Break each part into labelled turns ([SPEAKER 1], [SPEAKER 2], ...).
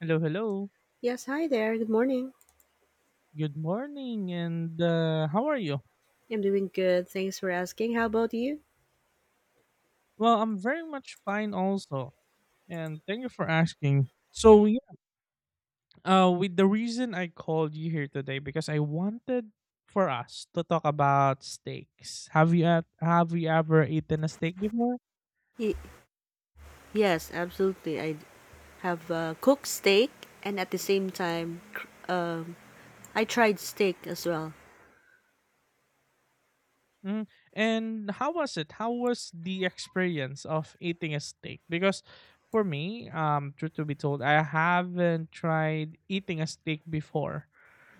[SPEAKER 1] Hello, hello.
[SPEAKER 2] Yes, hi there. Good morning.
[SPEAKER 1] Good morning, and how are you?
[SPEAKER 2] I'm doing good. Thanks for asking. How about you?
[SPEAKER 1] Well, I'm very much fine also, and thank you for asking. So, yeah, with the reason I called you here today because I wanted for us to talk about steaks. Have you ever eaten a steak before?
[SPEAKER 2] Y- yes, absolutely. I have cooked steak, and at the same time, I tried steak as well.
[SPEAKER 1] Mm. And how was it? How was the experience of eating a steak? Because for me, truth to be told, I haven't tried eating a steak before.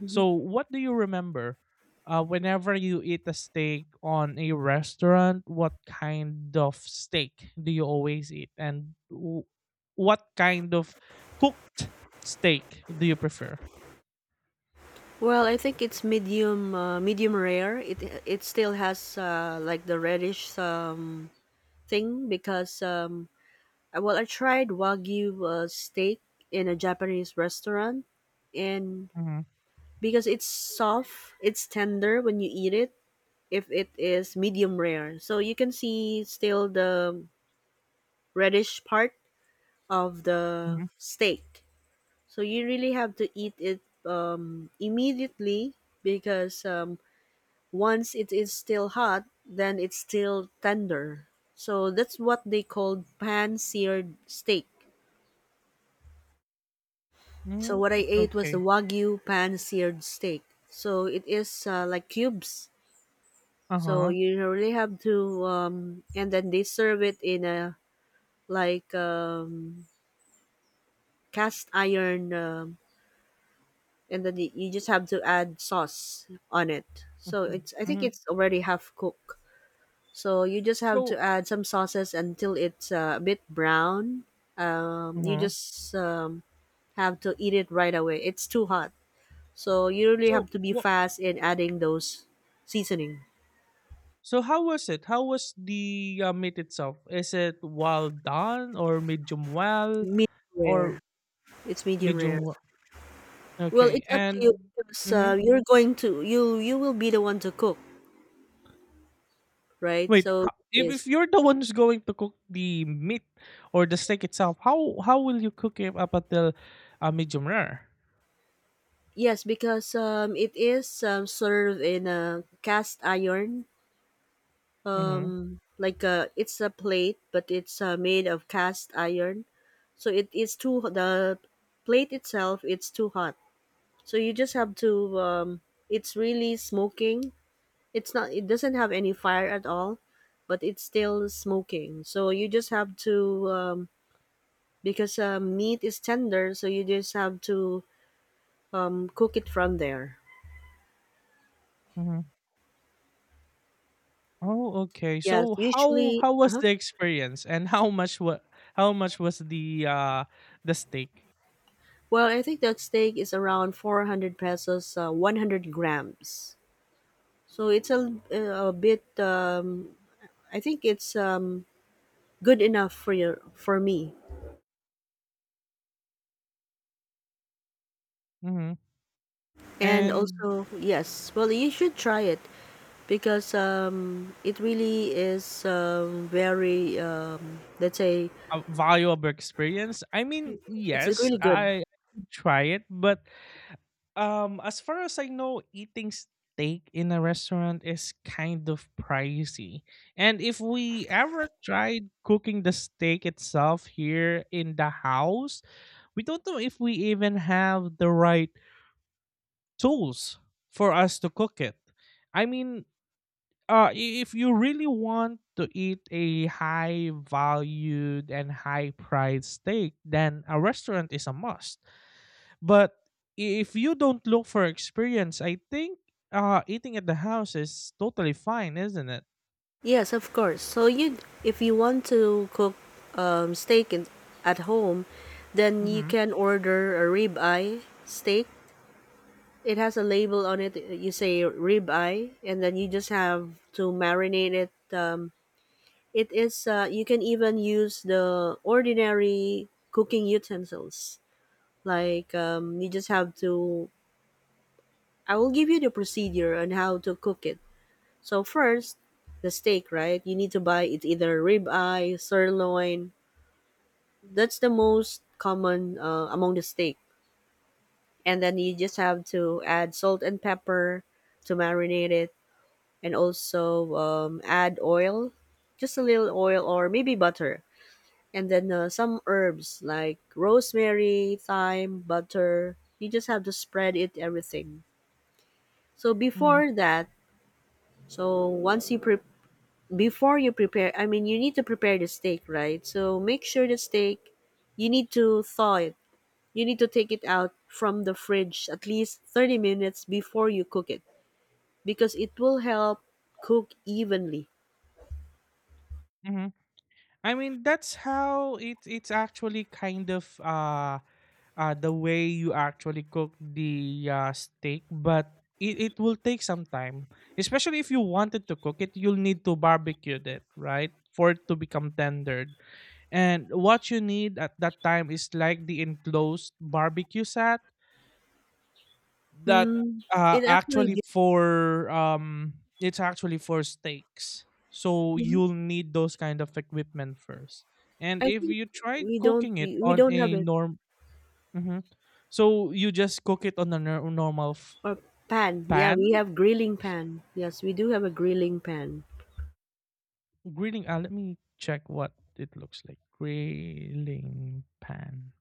[SPEAKER 2] Mhm.
[SPEAKER 1] So, what do you remember? Whenever you eat a steak on a restaurant, what kind of steak do you always eat, and what kind of cooked steak do you prefer?
[SPEAKER 2] Well, I think it's medium, medium rare. It still has like the reddish thing well, I tried wagyu steak in a Japanese restaurant, and
[SPEAKER 1] Mm-hmm.
[SPEAKER 2] because it's soft, it's tender when you eat it if it is medium rare. So you can see still the reddish part of the
[SPEAKER 1] Mm-hmm.
[SPEAKER 2] steak. So you really have to eat it immediately because once it is still hot, then it's still tender. So that's what they called pan seared steak. So
[SPEAKER 1] Mm,
[SPEAKER 2] what I ate was the
[SPEAKER 1] okay.
[SPEAKER 2] wagyu pan seared steak. So it is like cubes.
[SPEAKER 1] Uh
[SPEAKER 2] So
[SPEAKER 1] huh.
[SPEAKER 2] you really have to, and then they serve it in a like cast iron, and then you just have to add sauce on it. So
[SPEAKER 1] Mhm,
[SPEAKER 2] it's I think
[SPEAKER 1] mhm.
[SPEAKER 2] it's already half cooked. So you just have
[SPEAKER 1] So
[SPEAKER 2] to add some sauces until it's a bit brown. You
[SPEAKER 1] mhm.
[SPEAKER 2] just have to eat it right away. It's too hot, so you really
[SPEAKER 1] So
[SPEAKER 2] have to be
[SPEAKER 1] wha
[SPEAKER 2] fast in adding those seasoning.
[SPEAKER 1] so how was it? How was the, meat itself? Is it well done or medium well
[SPEAKER 2] Medium
[SPEAKER 1] or
[SPEAKER 2] rare. It's medium rare.
[SPEAKER 1] medium we
[SPEAKER 2] Well,
[SPEAKER 1] okay,
[SPEAKER 2] it's up to you
[SPEAKER 1] and
[SPEAKER 2] because
[SPEAKER 1] mhm.
[SPEAKER 2] you're going to you will be the one to cook, right?
[SPEAKER 1] Wait,
[SPEAKER 2] So it
[SPEAKER 1] ho if
[SPEAKER 2] is.
[SPEAKER 1] you're the one who's going to cook the meat or the steak itself, how will you cook it up until, medium rare?
[SPEAKER 2] Yes, because it is served in a cast iron,
[SPEAKER 1] Mhm,
[SPEAKER 2] like a, it's a plate, but it's made of cast iron. So it is too the plate itself. It's too hot. So you just have to. It's really smoking. It's not. It doesn't have any fire at all, but it's still smoking. So you just have to because meat is tender. So you just have to cook it from there.
[SPEAKER 1] mhm. Oh, okay.
[SPEAKER 2] Yes,
[SPEAKER 1] So
[SPEAKER 2] usually.
[SPEAKER 1] how
[SPEAKER 2] Uh
[SPEAKER 1] was
[SPEAKER 2] huh.
[SPEAKER 1] the experience and how much what? How much was the steak?
[SPEAKER 2] Well, I think that steak is around 400 pesos, 100 grams. So it's a bit, I think it's good enough for your, for me.
[SPEAKER 1] Mhm.
[SPEAKER 2] And
[SPEAKER 1] And
[SPEAKER 2] also, yes, well, you should try it because it really is very, let's say,
[SPEAKER 1] a valuable experience? I mean,
[SPEAKER 2] it's
[SPEAKER 1] yes,
[SPEAKER 2] really good.
[SPEAKER 1] I would try it, but as far as I know, eating steak in a restaurant is kind of pricey. And if we ever tried cooking the steak itself here in the house, we don't know if we even have the right tools for us to cook it. I mean, if you really want to eat a high valued and high priced steak, then a restaurant is a must. But if you don't look for experience, I think eating at the house is totally fine, isn't it?
[SPEAKER 2] Yes, of course. So you, if you want to cook steak in, at home, then you
[SPEAKER 1] Mm-hmm.
[SPEAKER 2] can order a ribeye steak. It has a label on it. You say ribeye, and then you just have to marinate it. It is. You can even use the ordinary cooking utensils. Like you just have to. I will give you the procedure on how to cook it. So first, the steak, right? You need to buy it either ribeye, sirloin. That's the most common among the steak. And then you just have to add salt and pepper to marinate it. And also add oil, just a little oil or maybe butter, and then some herbs like rosemary, thyme, butter. You just have to spread it everything. So
[SPEAKER 1] Mm-hmm.
[SPEAKER 2] before that, so once you pre- before you prepare, I mean you need to prepare the steak, right? So make sure the steak you need to thaw it. You need to take it out from the fridge at least 30 minutes before you cook it because it will help cook evenly.
[SPEAKER 1] Mm-hmm. I mean, that's how it's actually kind of the way you actually cook the steak, but it will take some time. Especially if you wanted to cook it, you'll need to barbecue it, right? For it to become tendered. And what you need at that time is like the enclosed barbecue set that
[SPEAKER 2] Mm, it actually
[SPEAKER 1] actually
[SPEAKER 2] did.
[SPEAKER 1] for it's actually for steaks, so
[SPEAKER 2] Mhm.
[SPEAKER 1] you'll need those kind of equipment first. And
[SPEAKER 2] I
[SPEAKER 1] if
[SPEAKER 2] think
[SPEAKER 1] you try
[SPEAKER 2] we don't
[SPEAKER 1] cooking it
[SPEAKER 2] we
[SPEAKER 1] on
[SPEAKER 2] don't have
[SPEAKER 1] a norm, hmm, so you just cook it on a normal
[SPEAKER 2] a pan. Yeah,
[SPEAKER 1] pan.
[SPEAKER 2] we have grilling pan. Yes, we do have a grilling pan.
[SPEAKER 1] Grilling, let me check what it looks like, grilling pan.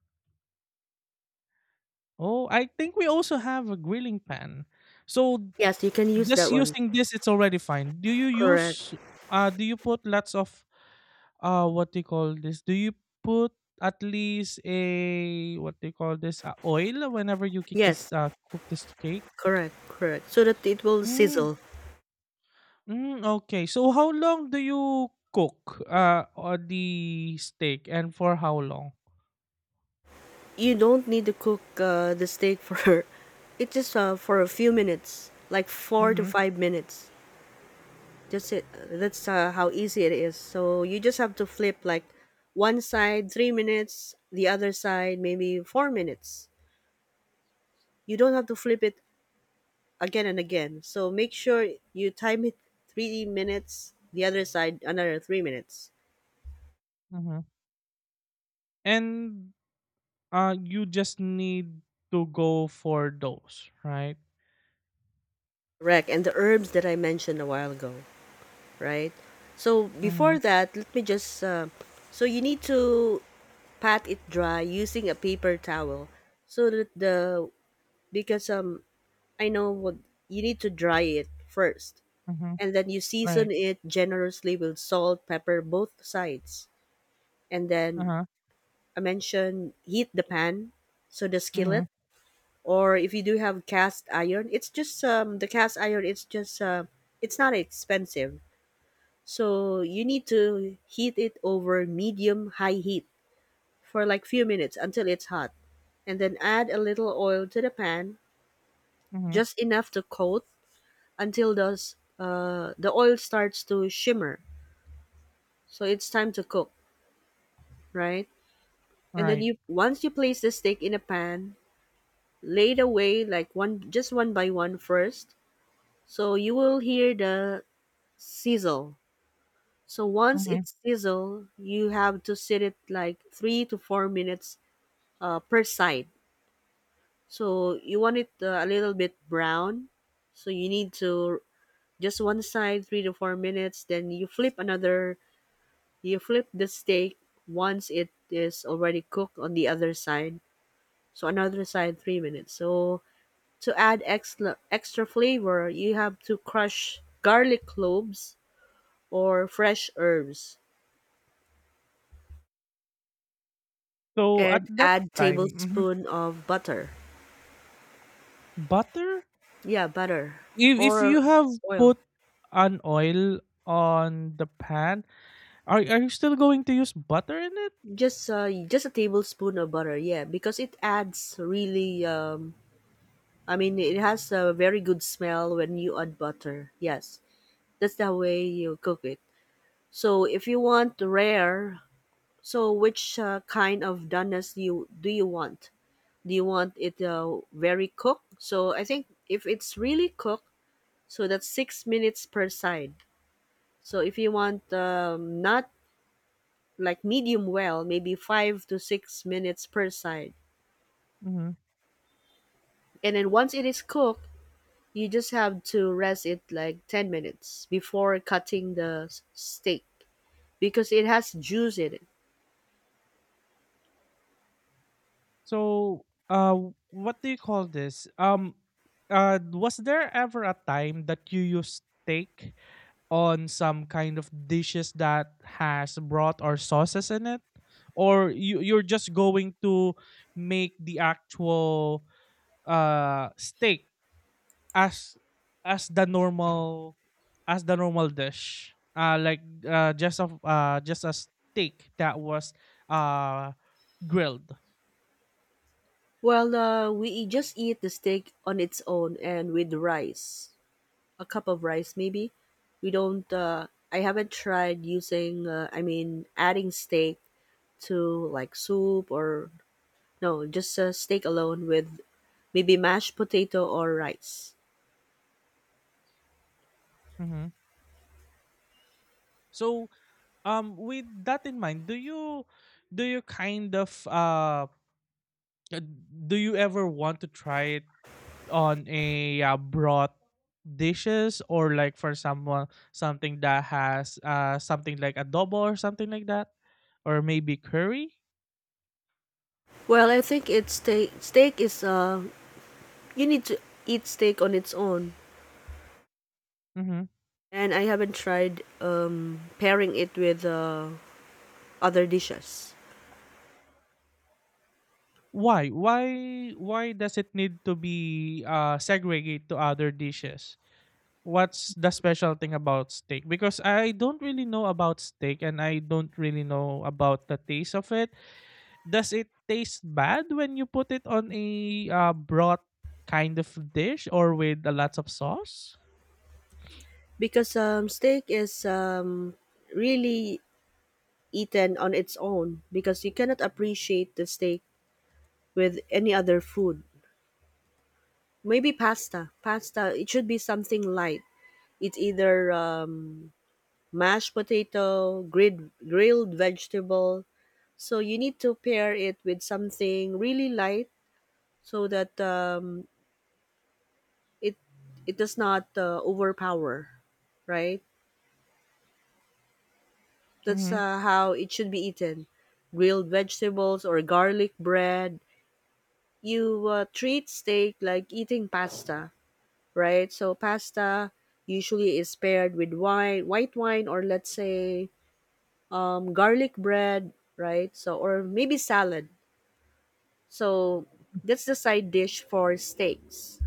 [SPEAKER 1] Oh, I think we also have a grilling pan, so
[SPEAKER 2] Yes, you can use that
[SPEAKER 1] just
[SPEAKER 2] one.
[SPEAKER 1] using this it's already fine. Do you
[SPEAKER 2] Correct.
[SPEAKER 1] use do you put lots of what do you call this, do you put at least a what do you call this, oil whenever you kick this
[SPEAKER 2] Yes,
[SPEAKER 1] cook this cake?
[SPEAKER 2] correct, correct. So that it will
[SPEAKER 1] Mm,
[SPEAKER 2] sizzle.
[SPEAKER 1] mm, okay, so how long do you cook or the steak and for how long?
[SPEAKER 2] You don't need to cook the steak for it just for a few minutes, like 4 to
[SPEAKER 1] Mm-hmm,
[SPEAKER 2] 5 minutes. Just it, that's how easy it is. So you just have to flip like one side 3 minutes, the other side maybe 4 minutes. You don't have to flip it again and again. So make sure you time it 3 minutes, the other side another 3 minutes.
[SPEAKER 1] mm-hmm. And you just need to go for those, right?
[SPEAKER 2] Correct. And the herbs that I mentioned a while ago, right? So
[SPEAKER 1] Mm-hmm,
[SPEAKER 2] before that, let me just. So you need to pat it dry using a paper towel, so that the because I know what you need to dry it first,
[SPEAKER 1] mm-hmm,
[SPEAKER 2] and then you season
[SPEAKER 1] right,
[SPEAKER 2] it generously with salt, pepper, both sides, and then
[SPEAKER 1] uh-huh,
[SPEAKER 2] I mentioned heat the pan, so the
[SPEAKER 1] mm-hmm,
[SPEAKER 2] skillet, or if you do have cast iron, it's just the cast iron. It's just it's not expensive, so you need to heat it over medium high heat for like few minutes until it's hot, and then add a little oil to the pan,
[SPEAKER 1] mm-hmm,
[SPEAKER 2] just enough to coat until those the oil starts to shimmer. So it's time to cook, right? And then
[SPEAKER 1] right,
[SPEAKER 2] you once you place the steak in a pan, laid away like one just one by one first, so you will hear the sizzle. So once
[SPEAKER 1] mm-hmm.
[SPEAKER 2] it's sizzle you have to sit it like 3 to 4 minutes, per side. So you want it a little bit brown. So you need to just one side 3 to 4 minutes, then you flip another, you flip the steak once it is already cooked on the other side. So another side 3 minutes, so to add extra, extra flavor, you have to crush garlic cloves or fresh herbs
[SPEAKER 1] So at
[SPEAKER 2] and
[SPEAKER 1] that
[SPEAKER 2] add
[SPEAKER 1] time mhm,
[SPEAKER 2] tablespoon of butter.
[SPEAKER 1] butter.
[SPEAKER 2] Yeah, butter
[SPEAKER 1] If
[SPEAKER 2] or
[SPEAKER 1] you have
[SPEAKER 2] oil.
[SPEAKER 1] put an oil on the pan, are you still going to use butter in it?
[SPEAKER 2] Just a tablespoon of butter. Yeah, because it adds really I mean it has a very good smell when you add butter. Yes. That's the way you cook it. So if you want rare, so which kind of doneness you do you want? Do you want it very cooked? So I think if it's really cooked, so that's 6 minutes per side. So if you want not like medium well, maybe 5 to 6 minutes per side.
[SPEAKER 1] Hmm.
[SPEAKER 2] And then once it is cooked, you just have to rest it like 10 minutes before cutting the steak because it has juice in it.
[SPEAKER 1] So, what do you call this? Was there ever a time that you used steak on some kind of dishes that has broth or sauces in it, or you you're just going to make the actual steak as as the normal as the normal dish like just a steak that was uh grilled?
[SPEAKER 2] Well, we just eat the steak on its own and with rice. A cup of rice maybe. We don't I haven't tried using I mean adding steak to like soup or no, just steak alone with maybe mashed potato or rice.
[SPEAKER 1] Mhm. So with that in mind do you kind of uh, do you ever want to try it on a broth dishes, or like for someone something that has something like adobo or something like that, or maybe curry?
[SPEAKER 2] Well, I think it's steak. Is you need to eat steak on its own,
[SPEAKER 1] Mm-hmm.
[SPEAKER 2] and I haven't tried pairing it with other dishes
[SPEAKER 1] Why why does it need to be segregated to other dishes? What's the special thing about steak, because I don't really know about steak and I don't really know about the taste of it. Does it taste bad when you put it on a broth kind of dish or with a lots of sauce?
[SPEAKER 2] because steak is really eaten on its own because you cannot appreciate the steak with any other food. Maybe pasta. Pasta. It should be something light. It's either mashed potato, grilled vegetable. So you need to pair it with something really light so that it it does not overpower, right? That's
[SPEAKER 1] Mm-hmm.
[SPEAKER 2] how it should be eaten. Grilled vegetables or garlic bread. You treat steak like eating pasta, right? So pasta usually is paired with wine, white wine, or let's say garlic bread, right? So or maybe salad. So that's the side dish for steaks.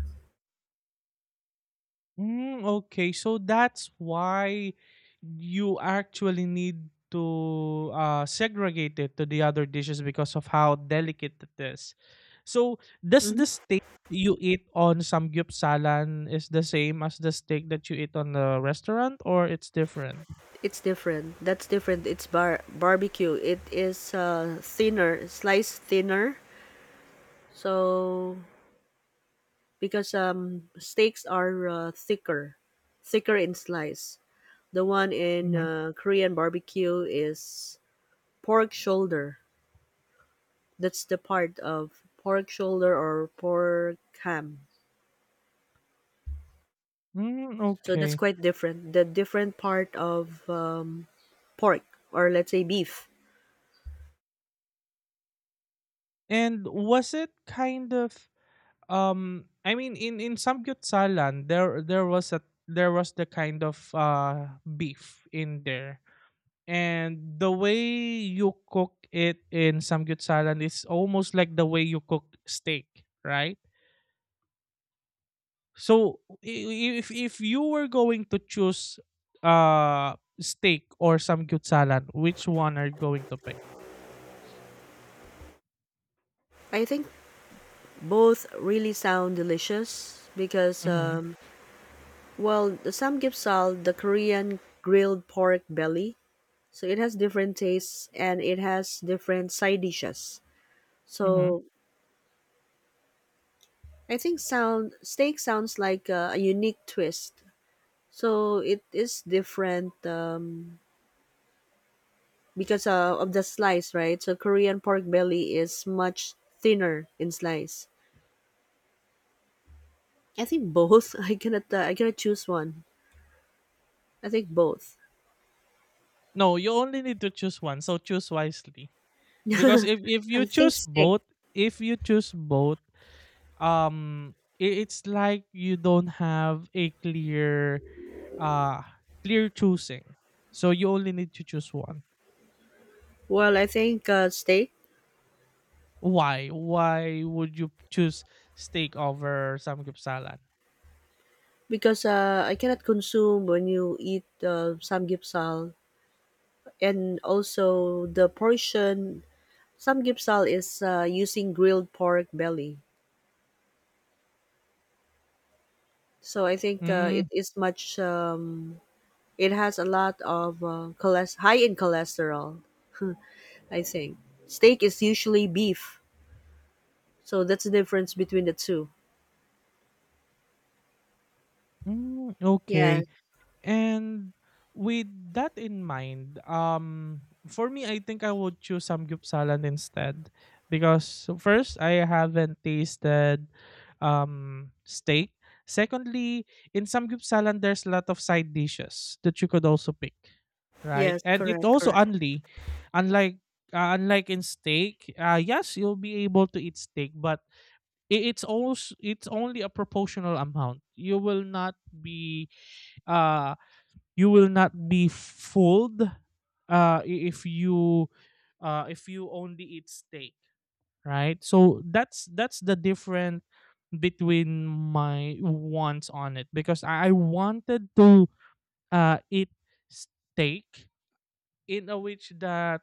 [SPEAKER 1] Mm, okay, so that's why you actually need to segregate it to the other dishes because of how delicate it is. So does
[SPEAKER 2] Hmm.
[SPEAKER 1] this you eat on samgyupsalan is the same as the steak that you eat on the restaurant, or it's different?
[SPEAKER 2] It's different. That's different. It's barbecue. It is thinner, sliced thinner. So because steaks are thicker, thicker in slice. The one in
[SPEAKER 1] Mhm.
[SPEAKER 2] Korean barbecue is pork shoulder. That's the part of pork shoulder or pork ham.
[SPEAKER 1] Mm,
[SPEAKER 2] So that's
[SPEAKER 1] okay.
[SPEAKER 2] quite different. The different part of pork or let's say beef.
[SPEAKER 1] And was it kind of um, I mean, in Samgyupsalan, there was a there was the kind of beef in there, and the way you cook it in Samgyupsalan is almost like the way you cook steak, right? So if you were going to choose uh steak or samgyup salad, which one are you going to pick?
[SPEAKER 2] I think both really sound delicious because,
[SPEAKER 1] Hmm,
[SPEAKER 2] well, the samgyeopsal, the Korean grilled pork belly, so it has different tastes and it has different side dishes.
[SPEAKER 1] hmm.
[SPEAKER 2] So I think sound steak sounds like a unique twist. So it is different because of the slice, right? So Korean pork belly is much thinner in slice. I think both. I cannot. I cannot choose one. I think both.
[SPEAKER 1] No, you only need to choose one. So choose wisely, because if
[SPEAKER 2] I
[SPEAKER 1] you
[SPEAKER 2] think
[SPEAKER 1] choose
[SPEAKER 2] steak.
[SPEAKER 1] both, if you choose both, um it's like you don't have a clear uh clear choosing, so you only need to choose one.
[SPEAKER 2] Well, I think steak
[SPEAKER 1] Why would you choose steak over samgyeopsal?
[SPEAKER 2] because I cannot consume when you eat samgyeopsal, and also the portion samgyeopsal is using grilled pork belly. So I think
[SPEAKER 1] Mm,
[SPEAKER 2] it is much. It has a lot of cholest high in cholesterol. I think. Steak is usually beef, so that's the difference between the two.
[SPEAKER 1] mm,
[SPEAKER 2] Yes,
[SPEAKER 1] okay. And with that in mind, for me, I think I would choose samgyeopsalan instead, because first, I haven't tasted steak. Secondly, in samgyeopsalan, there's a lot of side dishes that you could also pick, right?
[SPEAKER 2] yes,
[SPEAKER 1] And it's
[SPEAKER 2] correct,
[SPEAKER 1] also
[SPEAKER 2] correct.
[SPEAKER 1] only, unlike unlike in steak, yes, you'll be able to eat steak, but it's also it's only a proportional amount. You will not be uh you will not be fooled, uh, if you if you only eat steak, right? So that's the difference between my wants on it, because I wanted to eat steak in a which that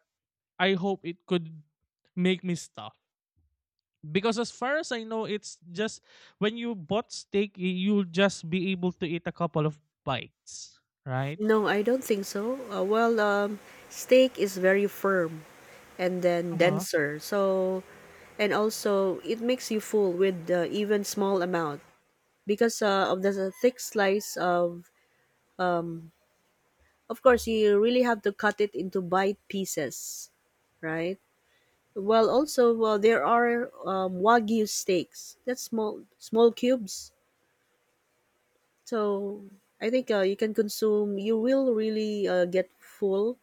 [SPEAKER 1] I hope it could make me stuff, because as far as I know it's just when you bought steak you'll just be able to eat a couple of bites, right?
[SPEAKER 2] No, I don't think so. Well, steak is very firm and then
[SPEAKER 1] Uh
[SPEAKER 2] denser, so and also it makes you full with even small amount because of the thick slice of. Of course, you really have to cut it into bite pieces, right? Well, also, well, there are wagyu steaks. That's small, small cubes. So I think you can consume. You will really get full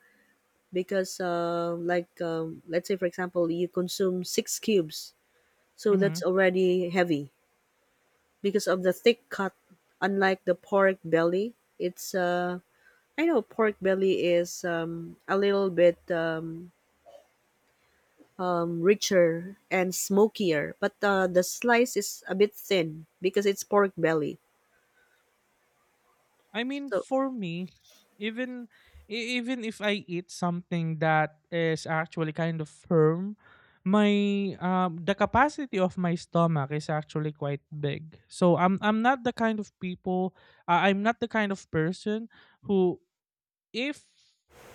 [SPEAKER 2] because, like, let's say for example, you consume six cubes, so
[SPEAKER 1] huh.
[SPEAKER 2] that's already heavy because of the thick cut. Unlike the pork belly, it's I know pork belly is a little bit richer and smokier, but the slice is a bit thin because it's pork belly.
[SPEAKER 1] I mean,
[SPEAKER 2] So,
[SPEAKER 1] for me, even even if I eat something that is actually kind of firm, my the capacity of my stomach is actually quite big. So I'm not the kind of people I'm not the kind of person who if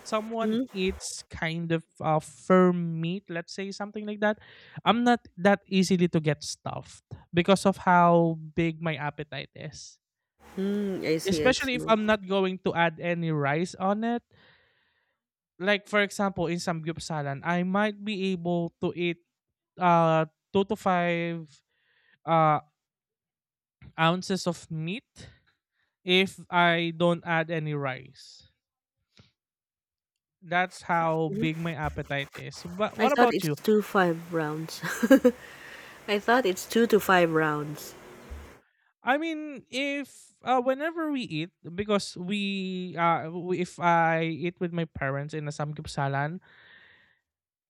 [SPEAKER 1] someone
[SPEAKER 2] mm-hmm.
[SPEAKER 1] eats kind of firm meat, let's say something like that, I'm not that easily to get stuffed because of how big my appetite is.
[SPEAKER 2] Mm, I see, I
[SPEAKER 1] Especially
[SPEAKER 2] see.
[SPEAKER 1] if I'm not going to add any rice on it. Like for example, in samgyupsalan, I might be able to eat uh two to five uh ounces of meat if I don't add any rice. That's how big my appetite is. But
[SPEAKER 2] I
[SPEAKER 1] what
[SPEAKER 2] thought
[SPEAKER 1] about
[SPEAKER 2] it's
[SPEAKER 1] you?
[SPEAKER 2] 2 5 rounds. I thought it's 2 to 5 rounds.
[SPEAKER 1] I mean, if whenever we eat, because if I eat with my parents in a samgyupsalan,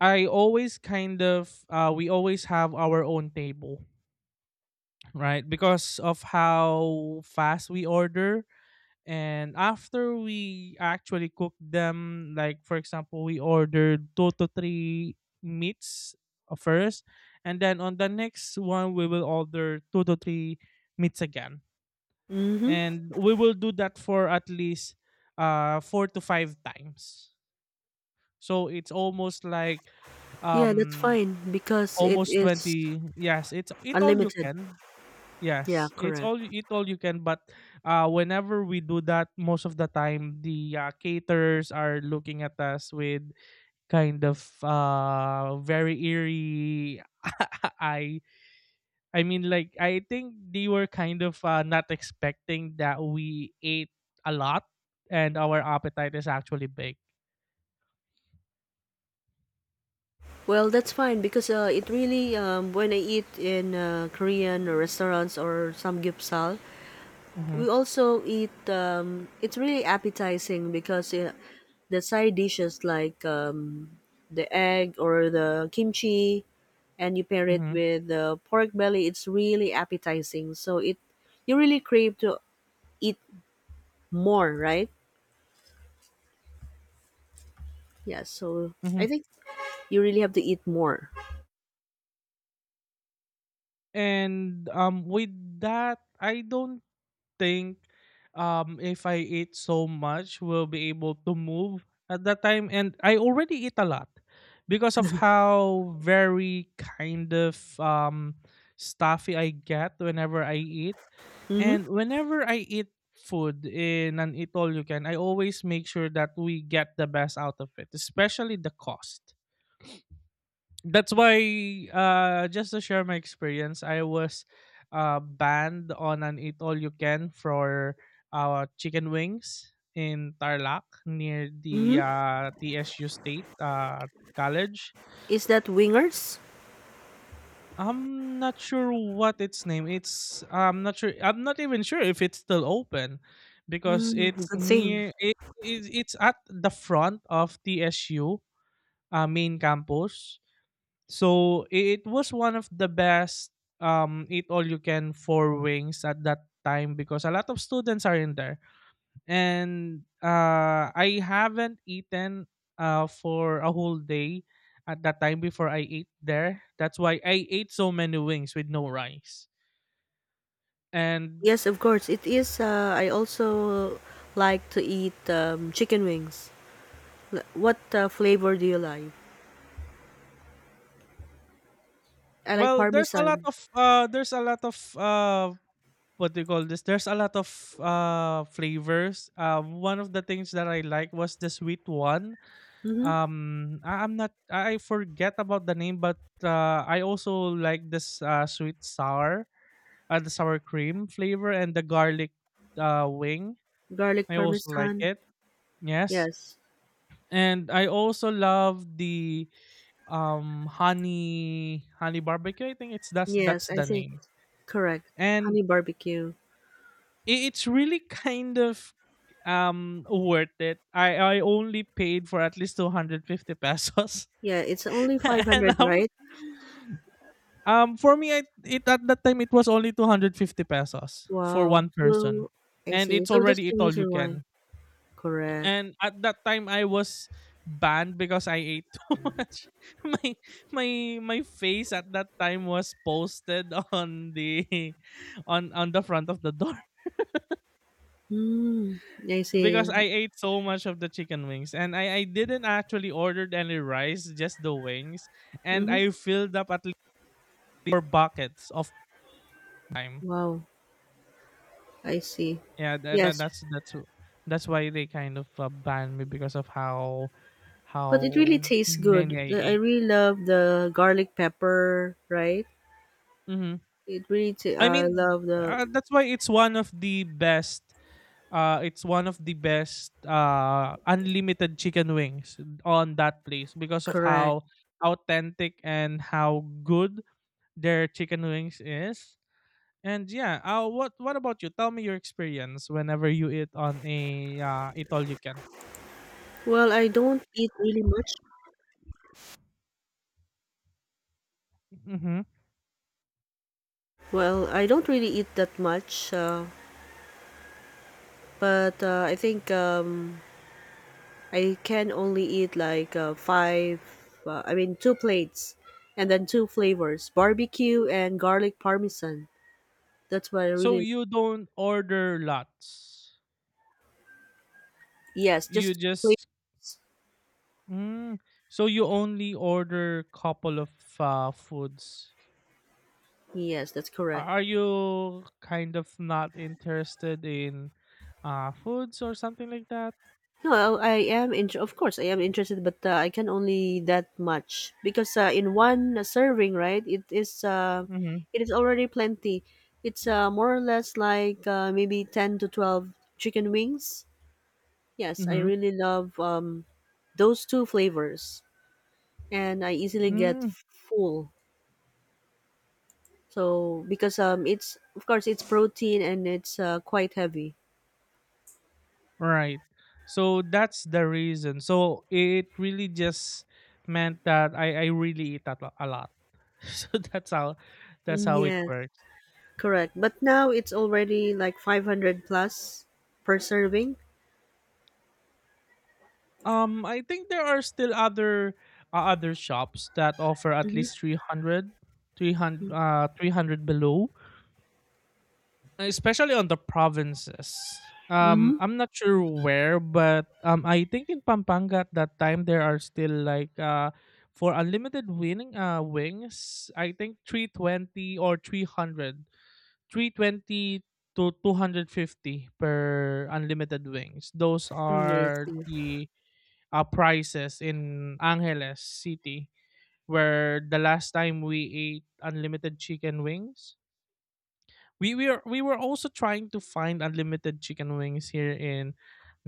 [SPEAKER 1] I always kind of we always have our own table. Right? Because of how fast we order. And after we actually cook them, like for example, we ordered two to three meats first, and then on the next one, we will order two to three meats again.
[SPEAKER 2] Mhm.
[SPEAKER 1] And we will do that for at least four to five times. So it's almost like
[SPEAKER 2] Yeah, that's
[SPEAKER 1] um
[SPEAKER 2] fine because it
[SPEAKER 1] almost
[SPEAKER 2] is
[SPEAKER 1] 20, yes it's it all you
[SPEAKER 2] unlimited.
[SPEAKER 1] can.
[SPEAKER 2] Yeah,
[SPEAKER 1] Yes, it's
[SPEAKER 2] correct.
[SPEAKER 1] all you eat all you can, but whenever we do that, most of the time the caterers are looking at us with kind of very eerie eye. I mean like I think they were kind of not expecting that we ate a lot and our appetite is actually big.
[SPEAKER 2] Well, that's fine because it really when I eat in Korean restaurants or some gyupsal,
[SPEAKER 1] Mm-hmm.
[SPEAKER 2] we also eat it's really appetizing because the side dishes like the egg or the kimchi, and you pair it
[SPEAKER 1] Mm-hmm.
[SPEAKER 2] with the pork belly, it's really appetizing. So it you really crave to eat more, right? Yeah, so
[SPEAKER 1] Mm-hmm.
[SPEAKER 2] I think you really have to eat more.
[SPEAKER 1] And with that I don't think if I eat so much will be able to move at that time and I already eat a lot because of how very kind of stuffy I get whenever I eat,
[SPEAKER 2] Mhm.
[SPEAKER 1] and whenever I eat food in an eat all you can I always make sure that we get the best out of it, especially the cost. That's why just to share my experience, I was banned on an eat all you can for chicken wings in Tarlac near the
[SPEAKER 2] Mhm.
[SPEAKER 1] TSU state college.
[SPEAKER 2] Is that wingers?
[SPEAKER 1] I'm not sure what its name it's I'm not sure, I'm not even sure if it's still open, because
[SPEAKER 2] Mm,
[SPEAKER 1] it's
[SPEAKER 2] good thing.
[SPEAKER 1] near it's at the front of TSU, main campus. So it was one of the best eat all you can for wings at that time because a lot of students are in there. And I haven't eaten for a whole day at that time before I ate there. That's why I ate so many wings with no rice. And
[SPEAKER 2] Yes, of course. It is I also like to eat chicken wings. What flavor do you like? I like
[SPEAKER 1] well, there's a lot
[SPEAKER 2] parmesan.
[SPEAKER 1] of there's a lot of what do you call this? There's a lot of flavors. One of the things that I like was the sweet one.
[SPEAKER 2] Mhm.
[SPEAKER 1] Um I, i'm not i forget about the name, but I also like this sweet sour, the sour cream flavor, and the garlic wing.
[SPEAKER 2] Garlic
[SPEAKER 1] I also like
[SPEAKER 2] parmesan.
[SPEAKER 1] it, yes.
[SPEAKER 2] Yes.
[SPEAKER 1] And I also love the honey barbecue, I think it's that's
[SPEAKER 2] Yes, I
[SPEAKER 1] the
[SPEAKER 2] think
[SPEAKER 1] name.
[SPEAKER 2] correct.
[SPEAKER 1] And
[SPEAKER 2] Honey barbecue.
[SPEAKER 1] it's really kind of worth it. I only paid for at least 250 pesos.
[SPEAKER 2] Yeah, it's only
[SPEAKER 1] and
[SPEAKER 2] 500,
[SPEAKER 1] I'm,
[SPEAKER 2] right?
[SPEAKER 1] For me, it at that time it was only 250 pesos for
[SPEAKER 2] Wow.
[SPEAKER 1] one person,
[SPEAKER 2] So, I
[SPEAKER 1] and
[SPEAKER 2] see.
[SPEAKER 1] it's
[SPEAKER 2] So that's
[SPEAKER 1] already eat
[SPEAKER 2] the
[SPEAKER 1] all you
[SPEAKER 2] reason why.
[SPEAKER 1] can.
[SPEAKER 2] Correct.
[SPEAKER 1] And at that time, I was banned because I ate too much. My my my face at that time was posted on the on the front of the door
[SPEAKER 2] Hmm. I
[SPEAKER 1] because
[SPEAKER 2] see.
[SPEAKER 1] I ate so much of the chicken wings, and I didn't actually ordered any rice, just the wings, and
[SPEAKER 2] Mm-hmm.
[SPEAKER 1] I filled up at least four buckets of time.
[SPEAKER 2] Wow. I see.
[SPEAKER 1] Yeah, that,
[SPEAKER 2] Yes,
[SPEAKER 1] that that's that's that's why they kind of banned me because of
[SPEAKER 2] but it really
[SPEAKER 1] how
[SPEAKER 2] tastes good.
[SPEAKER 1] many I
[SPEAKER 2] The, I
[SPEAKER 1] ate.
[SPEAKER 2] really love the garlic pepper, right?
[SPEAKER 1] Hmm.
[SPEAKER 2] It really,
[SPEAKER 1] I
[SPEAKER 2] I
[SPEAKER 1] mean,
[SPEAKER 2] love the
[SPEAKER 1] that's why it's one of the best. It's one of the best unlimited chicken wings on that place because of
[SPEAKER 2] correct.
[SPEAKER 1] how authentic and how good their chicken wings is. And yeah, what about you? Tell me your experience whenever you eat on a eat all you can.
[SPEAKER 2] Well, I don't eat really much.
[SPEAKER 1] Mm-hmm.
[SPEAKER 2] Well, I don't really eat that much, but I think I can only eat like five, I mean, two plates, and then two flavors barbecue and garlic parmesan. That's what I
[SPEAKER 1] So
[SPEAKER 2] really,
[SPEAKER 1] you don't order lots.
[SPEAKER 2] yes,
[SPEAKER 1] You
[SPEAKER 2] just plain.
[SPEAKER 1] just mm, so you only order couple of foods.
[SPEAKER 2] Yes, that's correct.
[SPEAKER 1] Are you kind of not interested in foods or something like that?
[SPEAKER 2] No, I am in. Of course, I am interested, but I can only that much because in one serving, right? It is.
[SPEAKER 1] Mm-hmm.
[SPEAKER 2] It is already plenty. It's more or less like maybe 10 to 12 chicken wings. Yes, I
[SPEAKER 1] Mm-hmm.
[SPEAKER 2] really love those two flavors, and I easily get
[SPEAKER 1] Mm,
[SPEAKER 2] full. So because it's of course it's protein and it's quite heavy.
[SPEAKER 1] right. So that's the reason. So it really just meant that I really eat a, a lot. So that's
[SPEAKER 2] Mm,
[SPEAKER 1] how it
[SPEAKER 2] yes,
[SPEAKER 1] works.
[SPEAKER 2] correct. But now it's already like 500 plus per serving.
[SPEAKER 1] I think there are still other other shops that offer at least
[SPEAKER 2] Mm-hmm.
[SPEAKER 1] 300, 300 below, especially on the provinces.
[SPEAKER 2] Mm-hmm.
[SPEAKER 1] I'm not sure where, but I think in Pampanga at that time there are still like for unlimited winning wings, I think 320 or 320 to 250 per unlimited wings. Those
[SPEAKER 2] Mm, I
[SPEAKER 1] are
[SPEAKER 2] see.
[SPEAKER 1] the prices in Angeles City, where the last time we ate unlimited chicken wings, we were also trying to find unlimited chicken wings here in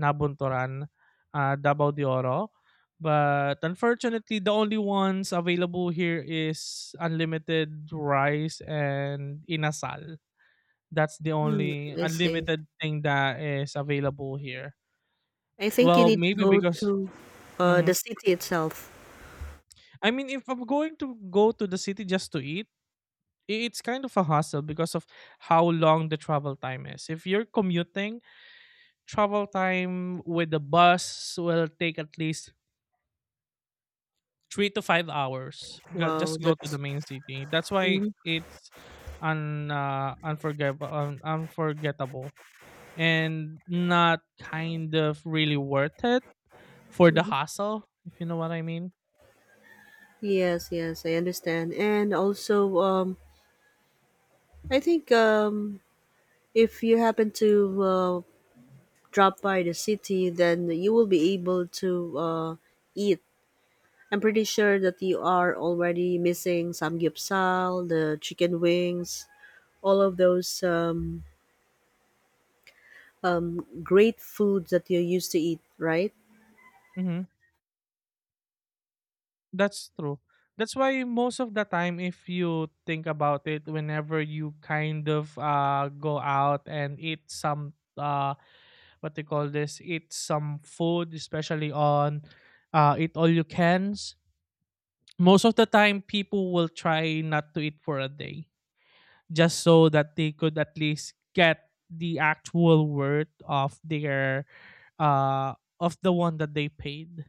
[SPEAKER 1] Nabuntoran, Davao de Oro. But unfortunately, the only ones available here is unlimited rice and inasal. That's the
[SPEAKER 2] Mm,
[SPEAKER 1] only
[SPEAKER 2] I see.
[SPEAKER 1] unlimited thing that is available here.
[SPEAKER 2] I think you
[SPEAKER 1] Well,
[SPEAKER 2] need to
[SPEAKER 1] maybe
[SPEAKER 2] go
[SPEAKER 1] because.
[SPEAKER 2] to the
[SPEAKER 1] Mhm.
[SPEAKER 2] city itself.
[SPEAKER 1] I mean, if I'm going to go to the city just to eat, it's kind of a hassle because of how long the travel time is. If you're commuting, travel time with the bus will take at least 3 to 5 hours.
[SPEAKER 2] Wow,
[SPEAKER 1] Just go to the
[SPEAKER 2] that's.
[SPEAKER 1] main city. That's why
[SPEAKER 2] Mhm,
[SPEAKER 1] it's un unforgettable, unforgettable, and not kind of really worth it for the
[SPEAKER 2] mhm.
[SPEAKER 1] hassle, if you know what I mean.
[SPEAKER 2] Yes, yes, I understand. And also, I think if you happen to drop by the city, then you will be able to eat. I'm pretty sure that you are already missing samgyeopsal, the chicken wings, all of those great foods that you used to eat, right?
[SPEAKER 1] Mhm. That's true. That's why most of the time, if you think about it, whenever you kind of go out and eat some what they call this, eat some food, especially on eat all you cans, most of the time people will try not to eat for a day, just so that they could at least get the actual worth of their uh of the one that they paid,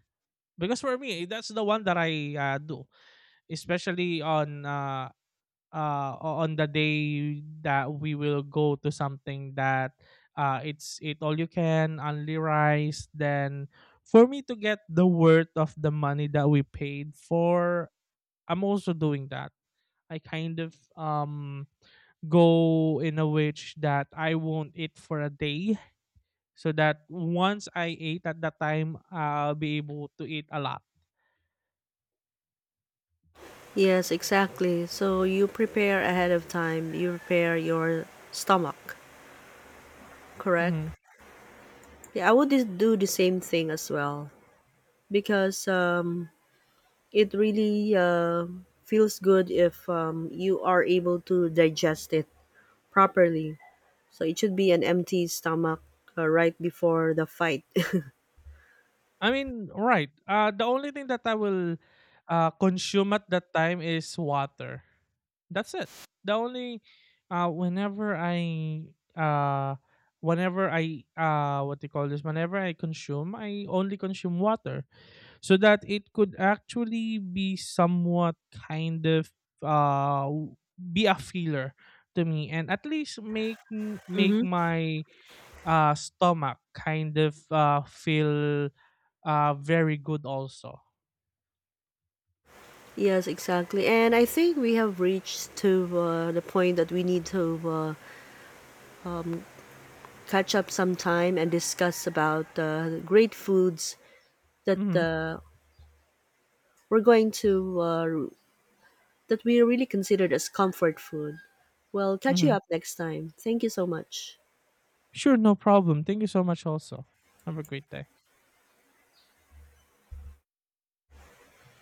[SPEAKER 1] because for me that's the one that I do, especially on on the day that we will go to something that it's it all you can only rice. Then for me to get the worth of the money that we paid for, I'm also doing that. I kind of go in a which that I won't eat for a day, so that once I ate at that time I'll be able to eat a lot.
[SPEAKER 2] Yes, exactly. So you prepare ahead of time. You prepare your stomach,
[SPEAKER 1] Mhm.
[SPEAKER 2] correct? Yeah, I would do the same thing as well because it really feels good if you are able to digest it properly. So it should be an empty stomach right before the fight.
[SPEAKER 1] I mean, right. The only thing that I will consume at that time is water. That's it. The only uh, whenever I uh, whenever I what do you call this? Whenever I consume, I only consume water, so that it could actually be somewhat kind of be a filler to me, and at least make
[SPEAKER 2] Hmm.
[SPEAKER 1] my stomach kind of feel very good also.
[SPEAKER 2] Yes, exactly. And I think we have reached to the point that we need to um, catch up sometime and discuss about great foods that
[SPEAKER 1] Mhm.
[SPEAKER 2] we're going to that we really considered as comfort food. Well, catch you
[SPEAKER 1] Mhm.
[SPEAKER 2] up next time. Thank you so much.
[SPEAKER 1] Sure, no problem. Thank you so much also. Have a great day.